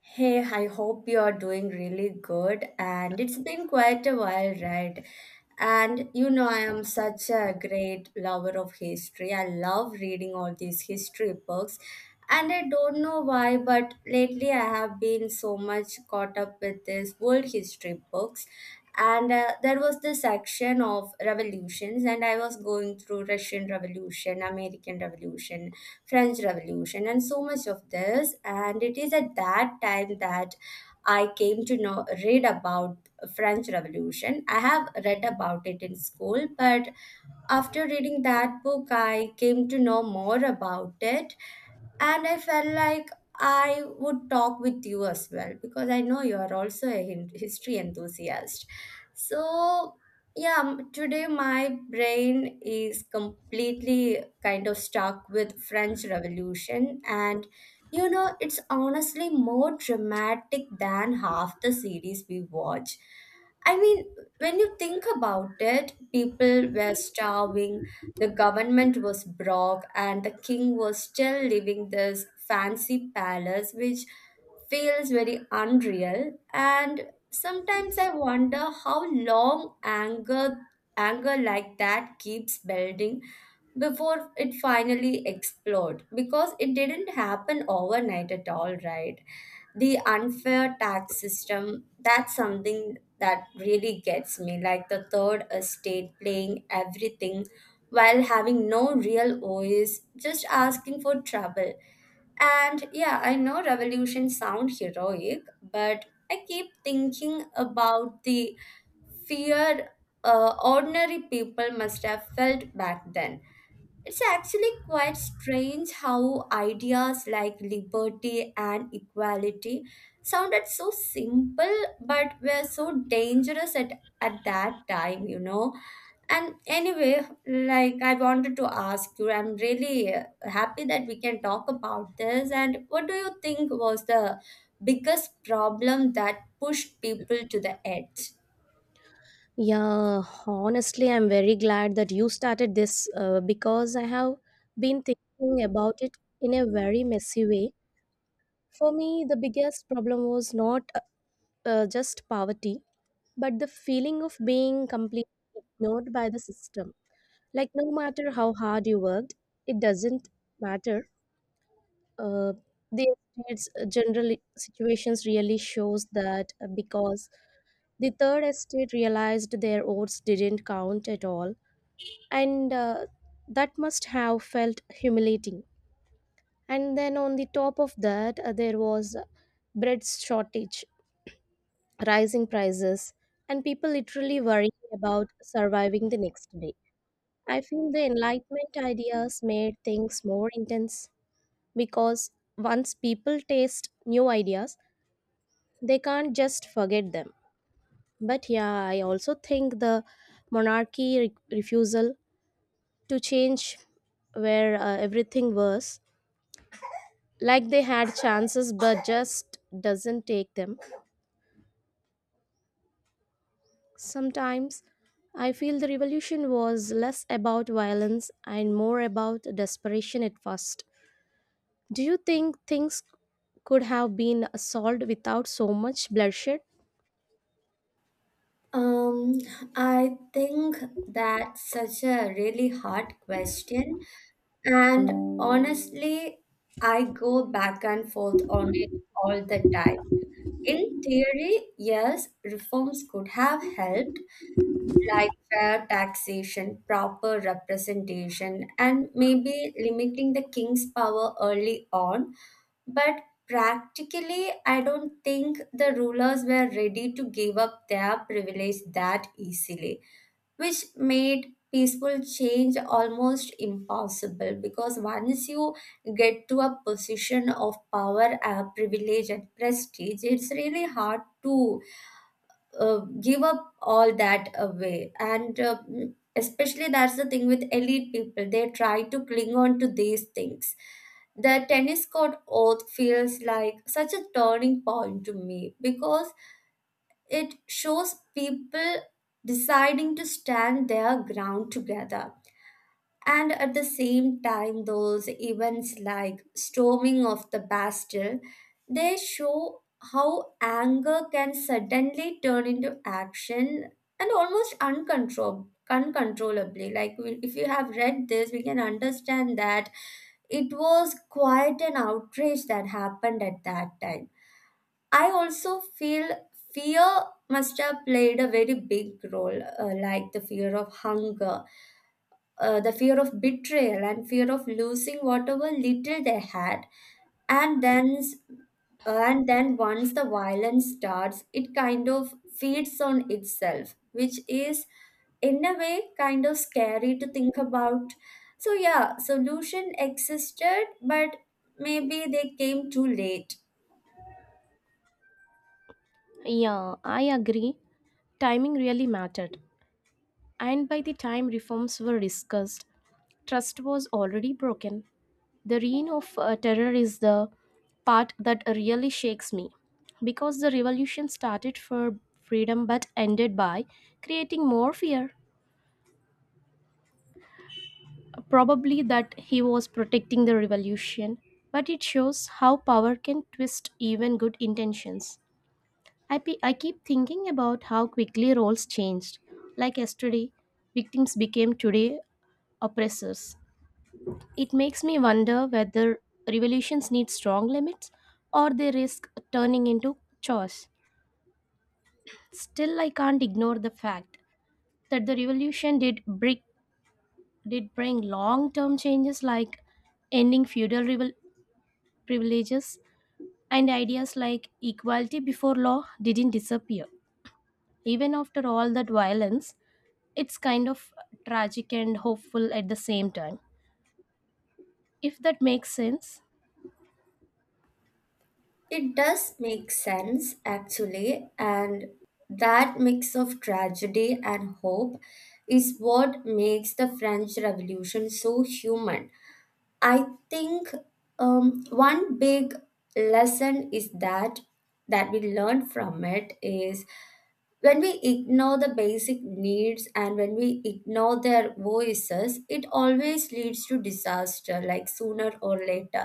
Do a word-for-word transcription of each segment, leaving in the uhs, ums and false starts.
Hey, I hope you're doing really good. And it's been quite a while, right? And you know, I am such a great lover of history. I love reading all these history books. And I don't know why, but lately I have been so much caught up with these world history books. And uh, there was this section of revolutions, and I was going through Russian Revolution, American Revolution, French Revolution, and so much of this. And it is at that time that I came to know read about French Revolution. I have read about it in school, but after reading that book, I came to know more about it and I felt like I would talk with you as well because I know you are also a hin- history enthusiast. So, yeah, m- today my brain is completely kind of stuck with French Revolution and you know, it's honestly more dramatic than half the series we watch. I mean, when you think about it, people were starving, the government was broke, and the king was still living this fancy palace, which feels very unreal. And sometimes I wonder how long anger, anger like that keeps building before it finally explode, because it didn't happen overnight at all, right? The unfair tax system, that's something that really gets me, like the third estate playing everything while having no real voice, just asking for trouble. And yeah, I know revolutions sound heroic, but I keep thinking about the fear uh, ordinary people must have felt back then. It's actually quite strange how ideas like liberty and equality sounded so simple but were so dangerous at, at that time, you know. And anyway, like I wanted to ask you, I'm really uh, happy that we can talk about this. And what do you think was the biggest problem that pushed people to the edge? Yeah, honestly, I'm very glad that you started this, uh, because I have been thinking about it in a very messy way. For me, the biggest problem was not uh, uh, just poverty, but the feeling of being completely ignored by the system. Like, no matter how hard you worked, it doesn't matter. uh, the estate's general situations really shows that, uh, because the third estate realized their votes didn't count at all, and uh, that must have felt humiliating. And then on the top of that, uh, there was bread shortage, rising prices, and people literally worrying about surviving the next day. I feel the enlightenment ideas made things more intense because once people taste new ideas, they can't just forget them. But yeah, I also think the monarchy re- refusal to change, where uh, everything was like they had chances but just doesn't take them. Sometimes I feel the revolution was less about violence and more about desperation at first. Do you think things could have been solved without so much bloodshed? Um, I think that's such a really hard question. And honestly, I go back and forth on it all the time. In theory, yes, reforms could have helped, like fair taxation, proper representation, and maybe limiting the king's power early on. But practically, I don't think the rulers were ready to give up their privilege that easily, which made peaceful change almost impossible, because once you get to a position of power, uh, privilege, and prestige, it's really hard to uh, give up all that away. And uh, mm, especially that's the thing with elite people, they try to cling on to these things. The tennis court oath feels like such a turning point to me, because it shows people deciding to stand their ground together. And at the same time, those events like storming of the Bastille, they show how anger can suddenly turn into action and almost uncontrol- uncontrollably. Like we- if you have read this, we can understand that it was quite an outrage that happened at that time. I also feel fear must have played a very big role, uh, like the fear of hunger, uh, the fear of betrayal, and fear of losing whatever little they had. And then, s- and then once the violence starts, it kind of feeds on itself, which is in a way kind of scary to think about. So yeah, solution existed, but maybe they came too late. Yeah, I agree. Timing really mattered. And by the time reforms were discussed, trust was already broken. The reign of uh, terror is the part that really shakes me because the revolution started for freedom but ended by creating more fear. Probably that he was protecting the revolution, but it shows how power can twist even good intentions. I, pe- I keep thinking about how quickly roles changed. Like yesterday, victims became today oppressors. It makes me wonder whether revolutions need strong limits or they risk turning into chores. Still, I can't ignore the fact that the revolution did bring, did bring long-term changes like ending feudal rival- privileges, and ideas like equality before law didn't disappear. Even after all that violence, it's kind of tragic and hopeful at the same time, if that makes sense. It does make sense, actually, and that mix of tragedy and hope is what makes the French Revolution so human. I think um, one big lesson is that that we learn from it is, when we ignore the basic needs and when we ignore their voices, it always leads to disaster, like sooner or later.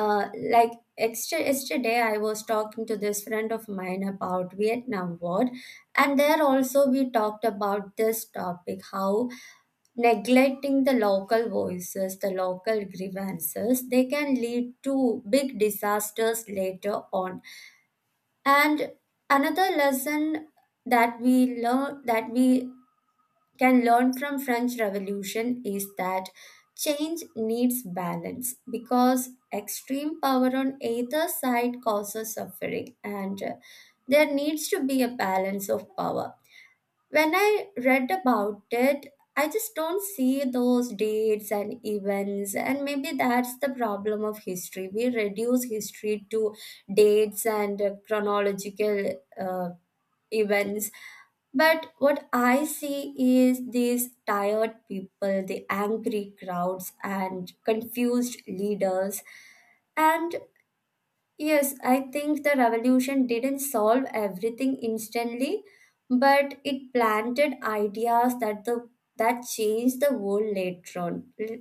uh, like extra yesterday I was talking to this friend of mine about Vietnam War, and there also we talked about this topic, how neglecting the local voices, the local grievances, they can lead to big disasters later on. And another lesson that we learn, that we can learn from French Revolution, is that change needs balance, because extreme power on either side causes suffering, and uh, there needs to be a balance of power. When I read about it, I just don't see those dates and events, and maybe that's the problem of history. We reduce history to dates and uh, chronological uh, events. But what I see is these tired people, the angry crowds, and confused leaders. And yes, I think the revolution didn't solve everything instantly, but it planted ideas that the that changed the world later on. L-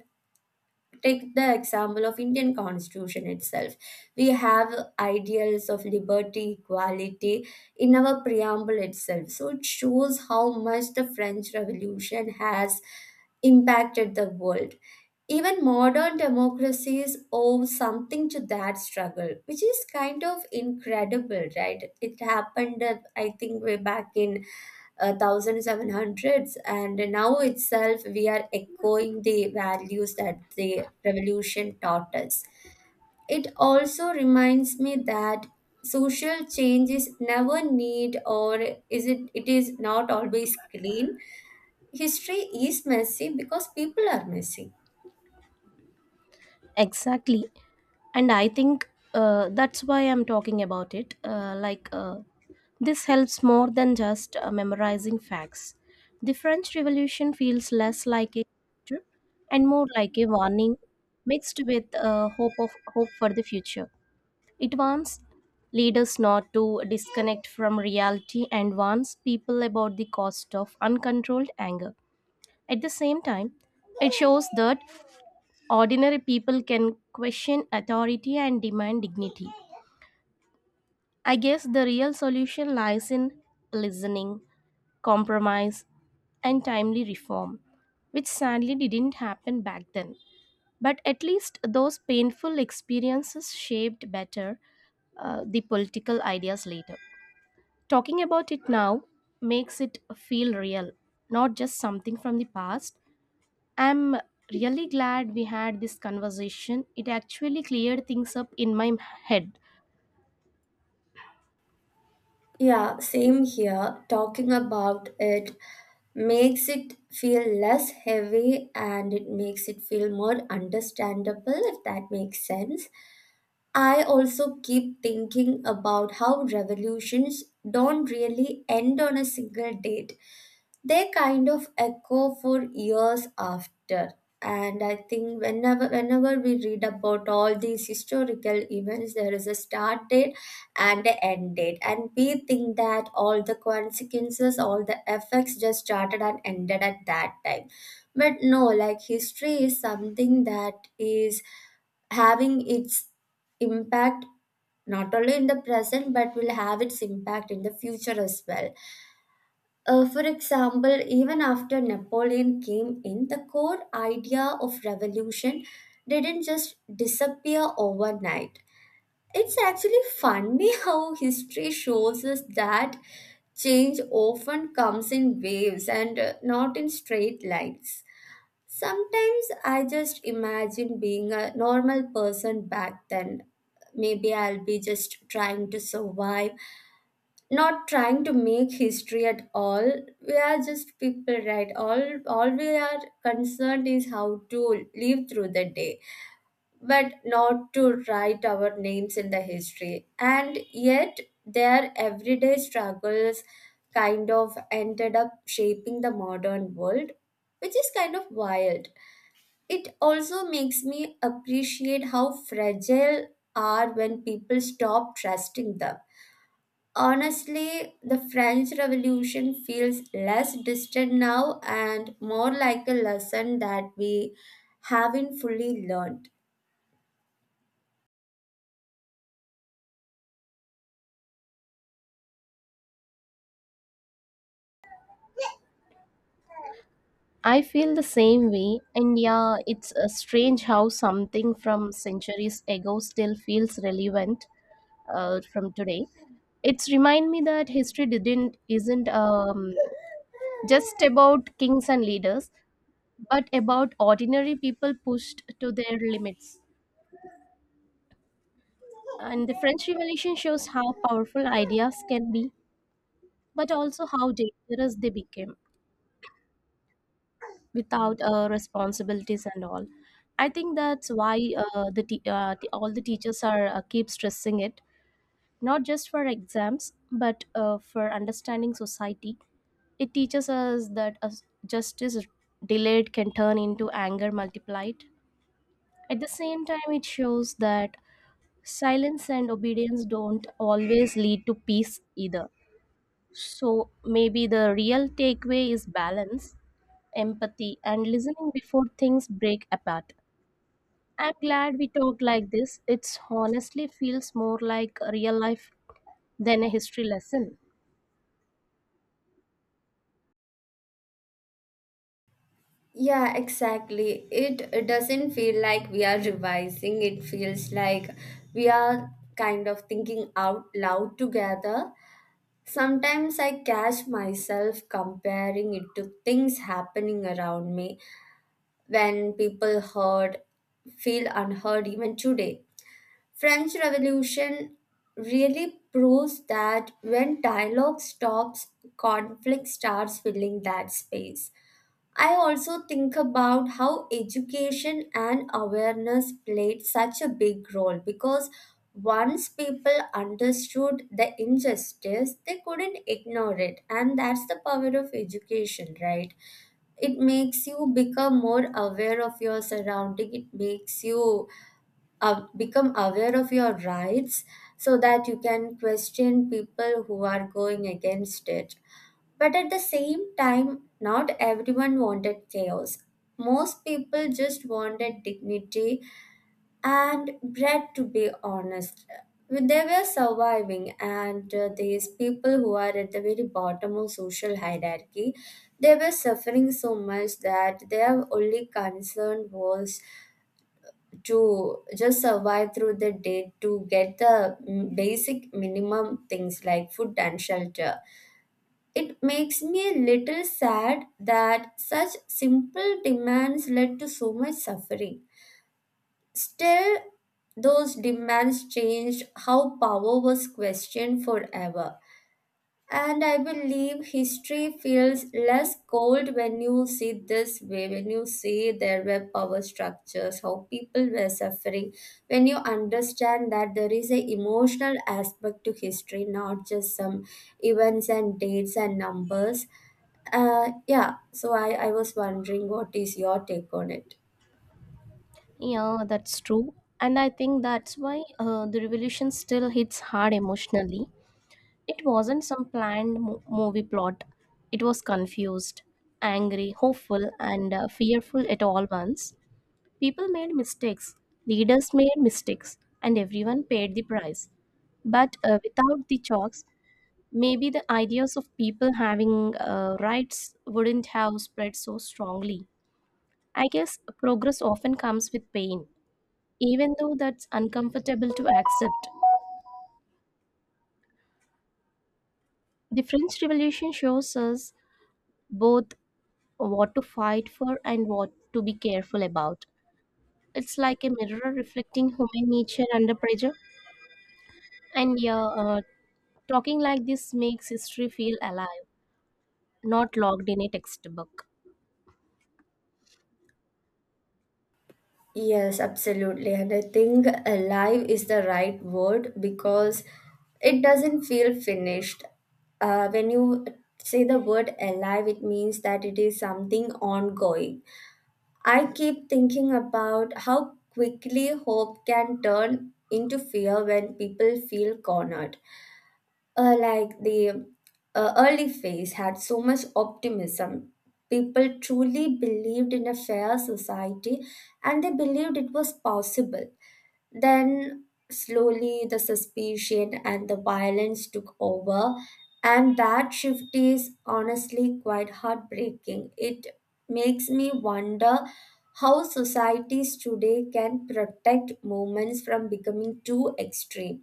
Take the example of Indian Constitution itself. We have ideals of liberty, equality in our preamble itself. So it shows how much the French Revolution has impacted the world. Even modern democracies owe something to that struggle, which is kind of incredible, right? It happened, uh, I think, way back in uh, seventeen hundreds, and now itself we are echoing the values that the revolution taught us. It also reminds me that social change is never neat or is it it is not always clean. History is messy because people are messy. Exactly. And I think uh, that's why I'm talking about it. Uh, like, uh, this helps more than just uh, memorizing facts. The French Revolution feels less like a chapter and more like a warning mixed with uh, hope, of, hope for the future. It warns leaders not to disconnect from reality, and warns people about the cost of uncontrolled anger. At the same time, it shows that ordinary people can question authority and demand dignity. I guess the real solution lies in listening, compromise, and timely reform, which sadly didn't happen back then. But at least those painful experiences shaped better, uh, the political ideas later. Talking about it now makes it feel real, not just something from the past. I'm really glad we had this conversation. It actually cleared things up in my head. Yeah, same here. Talking about it makes it feel less heavy, and it makes it feel more understandable, if that makes sense. I also keep thinking about how revolutions don't really end on a single date, they kind of echo for years after. And I think whenever whenever we read about all these historical events, there is a start date and an end date, and we think that all the consequences, all the effects just started and ended at that time. But no, like history is something that is having its impact not only in the present but will have its impact in the future as well. uh, for example, even after Napoleon came in, the core idea of revolution didn't just disappear overnight. It's actually funny how history shows us that change often comes in waves and uh, not in straight lines. Sometimes I just imagine being a normal person back then. Maybe I'll be just trying to survive, not trying to make history at all. We are just people, right? All all we are concerned is how to live through the day, but not to write our names in the history. And yet their everyday struggles kind of ended up shaping the modern world, which is kind of wild. It also makes me appreciate how fragile are when people stop trusting them. Honestly, the French Revolution feels less distant now and more like a lesson that we haven't fully learned. I feel the same way, and yeah, it's uh, strange how something from centuries ago still feels relevant uh, from today. It's remind me that history didn't isn't um, just about kings and leaders, but about ordinary people pushed to their limits. And the French Revolution shows how powerful ideas can be, but also how dangerous they became without uh, responsibilities and all. I think that's why, uh, the te- uh, the- all the teachers are uh, keep stressing it, not just for exams, but uh, for understanding society. It teaches us that, uh, justice delayed can turn into anger multiplied. At the same time, it shows that silence and obedience don't always lead to peace either. So maybe the real takeaway is balance, empathy, and listening before things break apart. I'm glad we talked like this. It's honestly feels more like a real life than a history lesson. Yeah, exactly. It doesn't feel like we are revising, it feels like we are kind of thinking out loud together. Sometimes I catch myself comparing it to things happening around me, when people heard feel unheard even today. French Revolution really proves that when dialogue stops, conflict starts filling that space. I also think about how education and awareness played such a big role, because once people understood the injustice, they couldn't ignore it. And that's the power of education, right? It makes you become more aware of your surrounding, it makes you uh, become aware of your rights so that you can question people who are going against it. But at the same time, not everyone wanted chaos. Most people just wanted dignity and bread, to be honest. They were surviving, and uh, these people who are at the very bottom of social hierarchy, they were suffering so much that their only concern was to just survive through the day to get the mm, basic minimum things like food and shelter. It makes me a little sad that such simple demands led to so much suffering. Still, those demands changed how power was questioned forever. And I believe history feels less cold when you see this way, when you see there were power structures, how people were suffering, when you understand that there is a emotional aspect to history, not just some events and dates and numbers. Uh, yeah, so I, I was wondering what is your take on it? Yeah, that's true. And I think that's why, uh, the revolution still hits hard emotionally. It wasn't some planned mo- movie plot, it was confused, angry, hopeful, and uh, fearful at all once. People made mistakes, leaders made mistakes, and everyone paid the price. But uh, without the chalks, maybe the ideas of people having uh, rights wouldn't have spread so strongly. I guess progress often comes with pain, even though that's uncomfortable to accept. The French Revolution shows us both what to fight for and what to be careful about. It's like a mirror reflecting human nature under pressure. And yeah, uh, talking like this makes history feel alive, not logged in a textbook. Yes, absolutely. And I think alive is the right word because it doesn't feel finished. Uh, when you say the word alive, it means that it is something ongoing. I keep thinking about how quickly hope can turn into fear when people feel cornered, uh, like the uh, early phase had so much optimism. People truly believed in a fair society, and they believed it was possible. Then, slowly, the suspicion and the violence took over, and that shift is honestly quite heartbreaking. It makes me wonder how societies today can protect movements from becoming too extreme.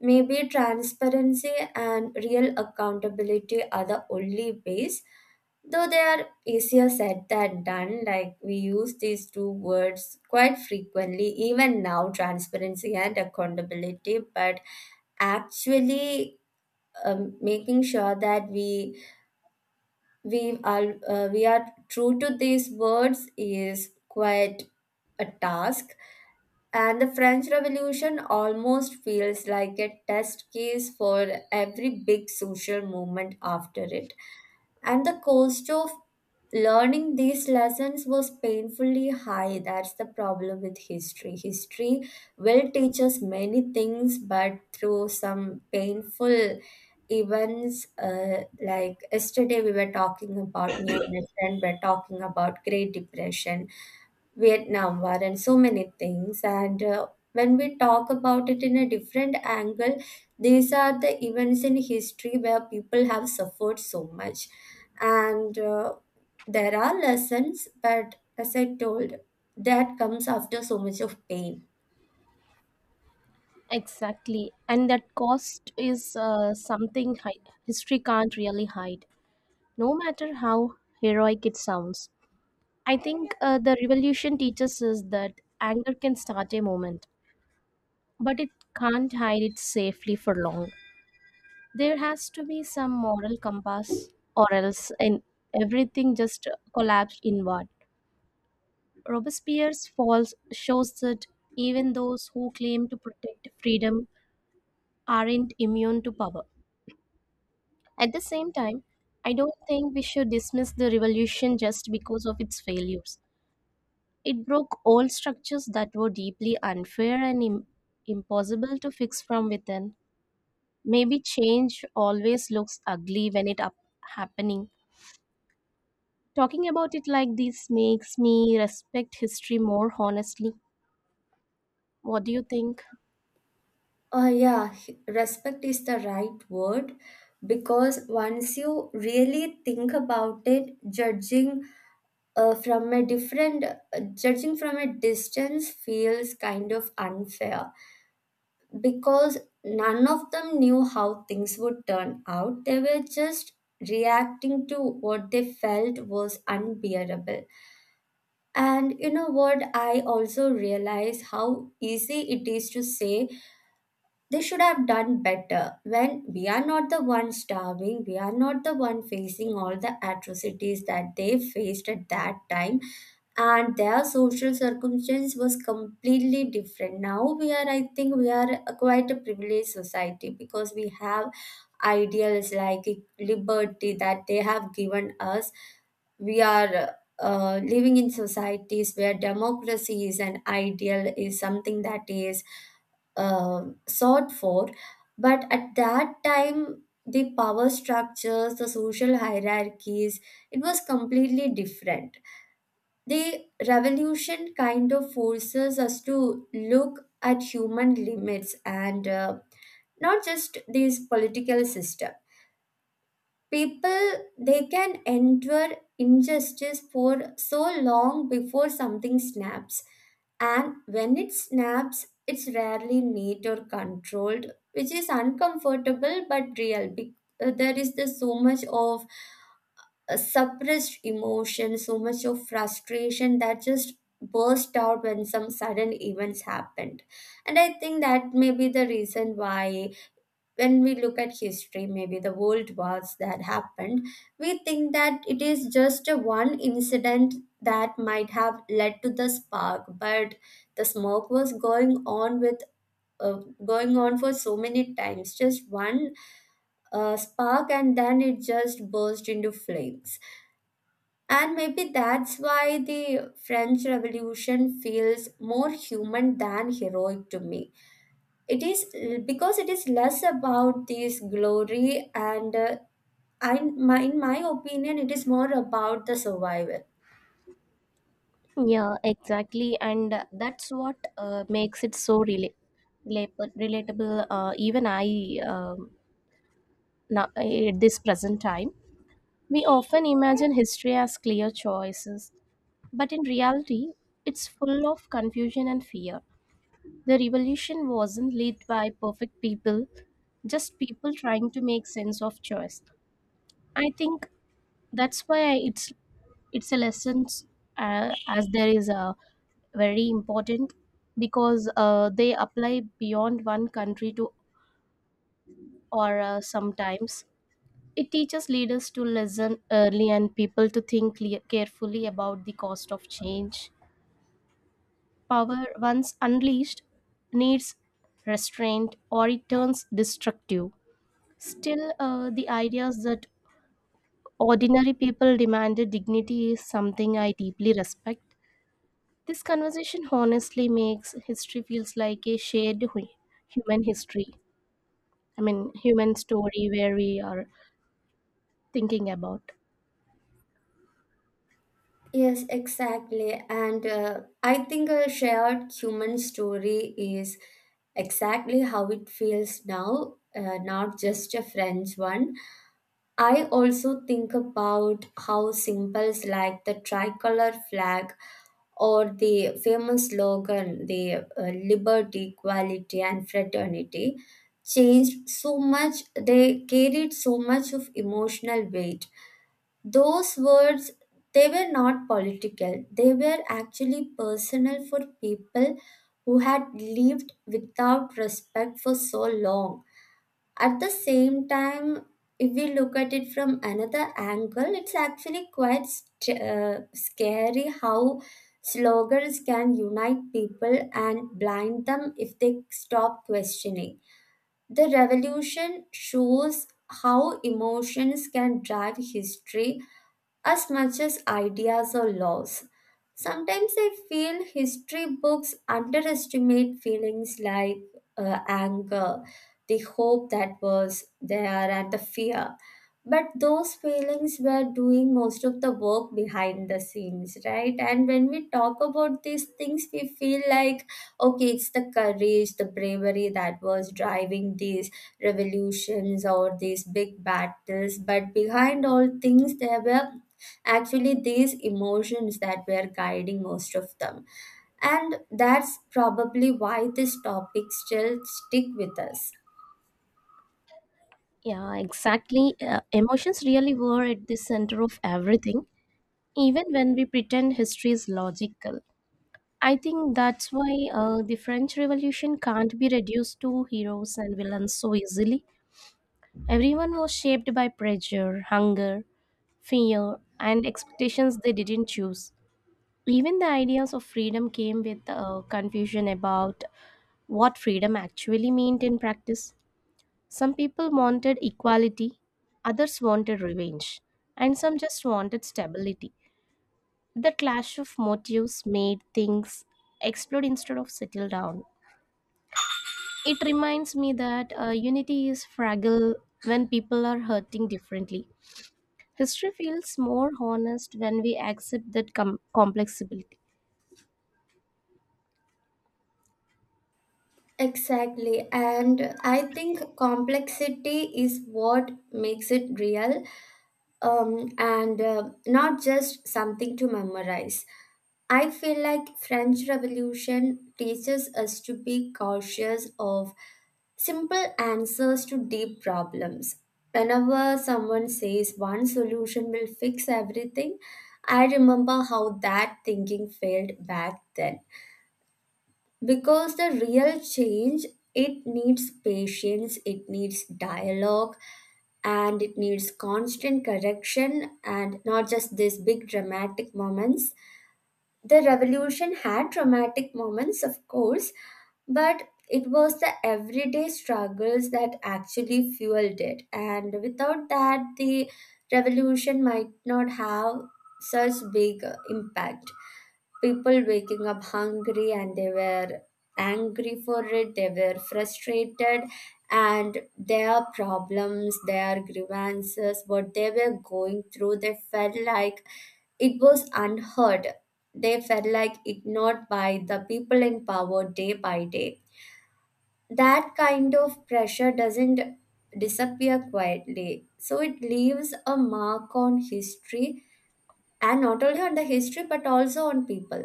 Maybe transparency and real accountability are the only ways, though they are easier said than done. Like we use these two words quite frequently, even now transparency and accountability, but actually. Um, making sure that we we are uh, we are true to these words is quite a task. And the French Revolution almost feels like a test case for every big social movement after it. And the cost of learning these lessons was painfully high. That's the problem with history. History will teach us many things, but through some painful events, uh, like yesterday we were talking about, me and my friend were talking about great depression, vietnam war and so many things. And uh, when we talk about it in a different angle, these are the events in history where people have suffered so much. And uh, there are lessons, but as I told, that comes after so much of pain. Exactly. And that cost is uh, something hi- history can't really hide, no matter how heroic it sounds. I think uh, the revolution teaches us that anger can start a moment, but it can't hide it safely for long. There has to be some moral compass, or else in everything just collapsed inward. Robespierre's fall shows that even those who claim to protect freedom aren't immune to power. At the same time, I don't think we should dismiss the revolution just because of its failures. It broke old structures that were deeply unfair and Im- impossible to fix from within. Maybe change always looks ugly when it up happening. Talking about it like this makes me respect history more honestly. What do you think? Uh, yeah, h- respect is the right word, because once you really think about it, judging uh, from a different, uh, judging from a distance feels kind of unfair because none of them knew how things would turn out. They were just reacting to what they felt was unbearable. And you know what? I also realize how easy it is to say they should have done better when we are not the one starving, we are not the one facing all the atrocities that they faced at that time. And their social circumstance was completely different. Now we are, I think we are a quite a privileged society because we have ideals like liberty that they have given us. We are uh, living in societies where democracy is an ideal, is something that is uh, sought for. But at that time, the power structures, the social hierarchies, it was completely different. The revolution kind of forces us to look at human limits and uh, not just these political systems. People, they can endure injustice for so long before something snaps. And when it snaps, it's rarely neat or controlled, which is uncomfortable but real. Be- uh, there is the so much of uh, suppressed emotion, so much of frustration that just burst out when some sudden events happened. And I think that may be the reason why, when we look at history, maybe the world wars that happened, we think that it is just a one incident that might have led to the spark, but the smoke was going on with, uh, going on for so many times. Just one uh, spark, and then it just burst into flames. And maybe that's why the French Revolution feels more human than heroic to me. It is uh, because it is less about this glory and, uh, I, my, in my opinion, it is more about the survival. Yeah, exactly. And uh, that's what uh, makes it so rela- relap- relatable. Uh, even I, um, now, at this present time, we often imagine history as clear choices, but in reality, it's full of confusion and fear. The revolution wasn't led by perfect people, just people trying to make sense of choice. I think that's why it's it's a lesson, uh, as there is a very important, because uh, they apply beyond one country to, or uh, sometimes it teaches leaders to listen early and people to think clear, carefully about the cost of change. Power once unleashed needs restraint, or it turns destructive. Still, uh, the ideas that ordinary people demanded dignity is something I deeply respect. This conversation honestly makes history feels like a shared hu- human history. I mean, human story where we are thinking about. Yes, exactly. And uh, I think a shared human story is exactly how it feels now, uh, not just a friend's one. I also think about how symbols like the tricolor flag or the famous slogan, the uh, liberty, equality, and fraternity, changed so much, they carried so much of emotional weight. Those words, they were not political, they were actually personal for people who had lived without respect for so long. At the same time, if we look at it from another angle, it's actually quite st- uh, scary how slogans can unite people and blind them if they stop questioning. The revolution shows how emotions can drive history as much as ideas or laws. Sometimes I feel history books underestimate feelings like uh, anger, the hope that was there, and the fear. But those feelings were doing most of the work behind the scenes, right? And when we talk about these things, we feel like, okay, it's the courage, the bravery that was driving these revolutions or these big battles. But behind all things, there were actually these emotions that were guiding most of them. And that's probably why this topic still stick with us. Yeah, exactly. Uh, emotions really were at the center of everything, even when we pretend history is logical. I think that's why uh, the French Revolution can't be reduced to heroes and villains so easily. Everyone was shaped by pressure, hunger, fear, and expectations they didn't choose. Even the ideas of freedom came with uh, confusion about what freedom actually meant in practice. Some people wanted equality, others wanted revenge, and some just wanted stability. The clash of motives made things explode instead of settle down. It reminds me that uh, unity is fragile when people are hurting differently. History feels more honest when we accept that com- complexity. Exactly, and I think complexity is what makes it real. Um, and uh, not just something to memorize. I feel like French Revolution teaches us to be cautious of simple answers to deep problems. Whenever someone says one solution will fix everything, I remember how that thinking failed back then, because the real change, it needs patience, it needs dialogue, and it needs constant correction, and not just these big dramatic moments. The revolution had dramatic moments of course, but it was the everyday struggles that actually fueled it, and without that, the revolution might not have such big uh, impact. People waking up hungry, and they were angry for it, they were frustrated. And their problems, their grievances, what they were going through, they felt like it was unheard. They felt like ignored by the people in power day by day. That kind of pressure doesn't disappear quietly, so it leaves a mark on history, and not only on the history but also on people.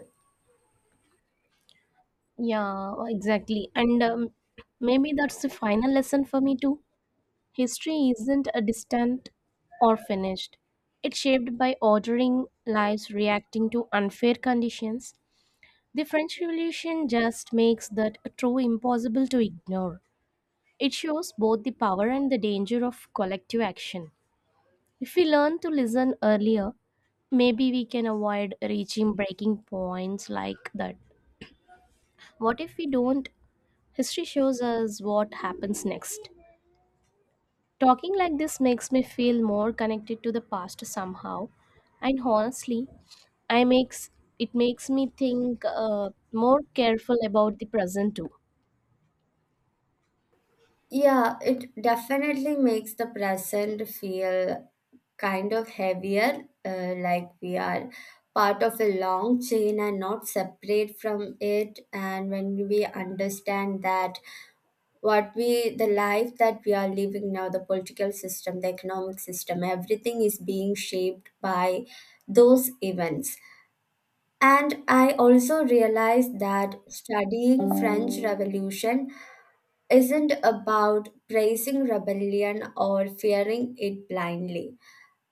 Yeah, exactly. And um, maybe that's the final lesson for me too. History isn't a distant or finished. It's shaped by ordering lives reacting to unfair conditions. The French Revolution just makes that true impossible to ignore. It shows both the power and the danger of collective action. If we learn to listen earlier, maybe we can avoid reaching breaking points like that. What if we don't? History shows us what happens next. Talking like this makes me feel more connected to the past somehow, and honestly, I makes it makes me think, uh, more careful about the present too. Yeah, it definitely makes the present feel kind of heavier, uh, like we are part of a long chain and not separate from it. And when we understand that, what we, the life that we are living now, the political system, the economic system, everything is being shaped by those events. And I also realized that studying French Revolution isn't about praising rebellion or fearing it blindly.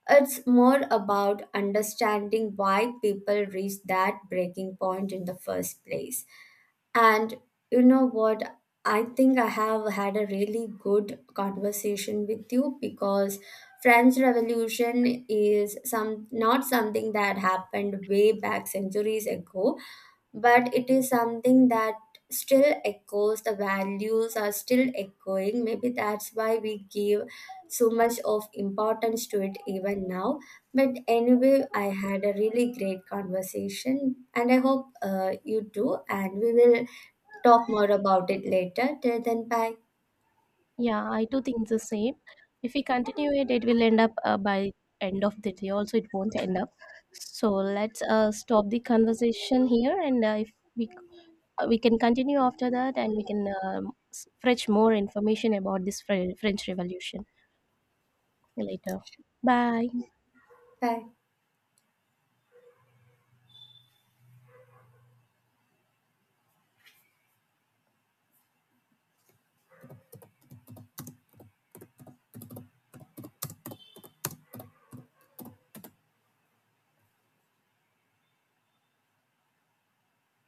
It's more about understanding why people reach that breaking point in the first place. And you know what? I think I have had a really good conversation with you, because French Revolution is some, not something that happened way back centuries ago, but it is something that still echoes, the values are still echoing. Maybe that's why we give so much of importance to it even now. But anyway, I had a really great conversation, and I hope uh, you do. And we will talk more about it later. Till then, bye. Yeah, I too think the same. If we continue it, it will end up uh, by end of the day. Also, it won't end up. So let's uh, stop the conversation here, and uh, if we uh, we can continue after that, and we can um, s- fetch more information about this Fre- French Revolution later. Bye. Bye.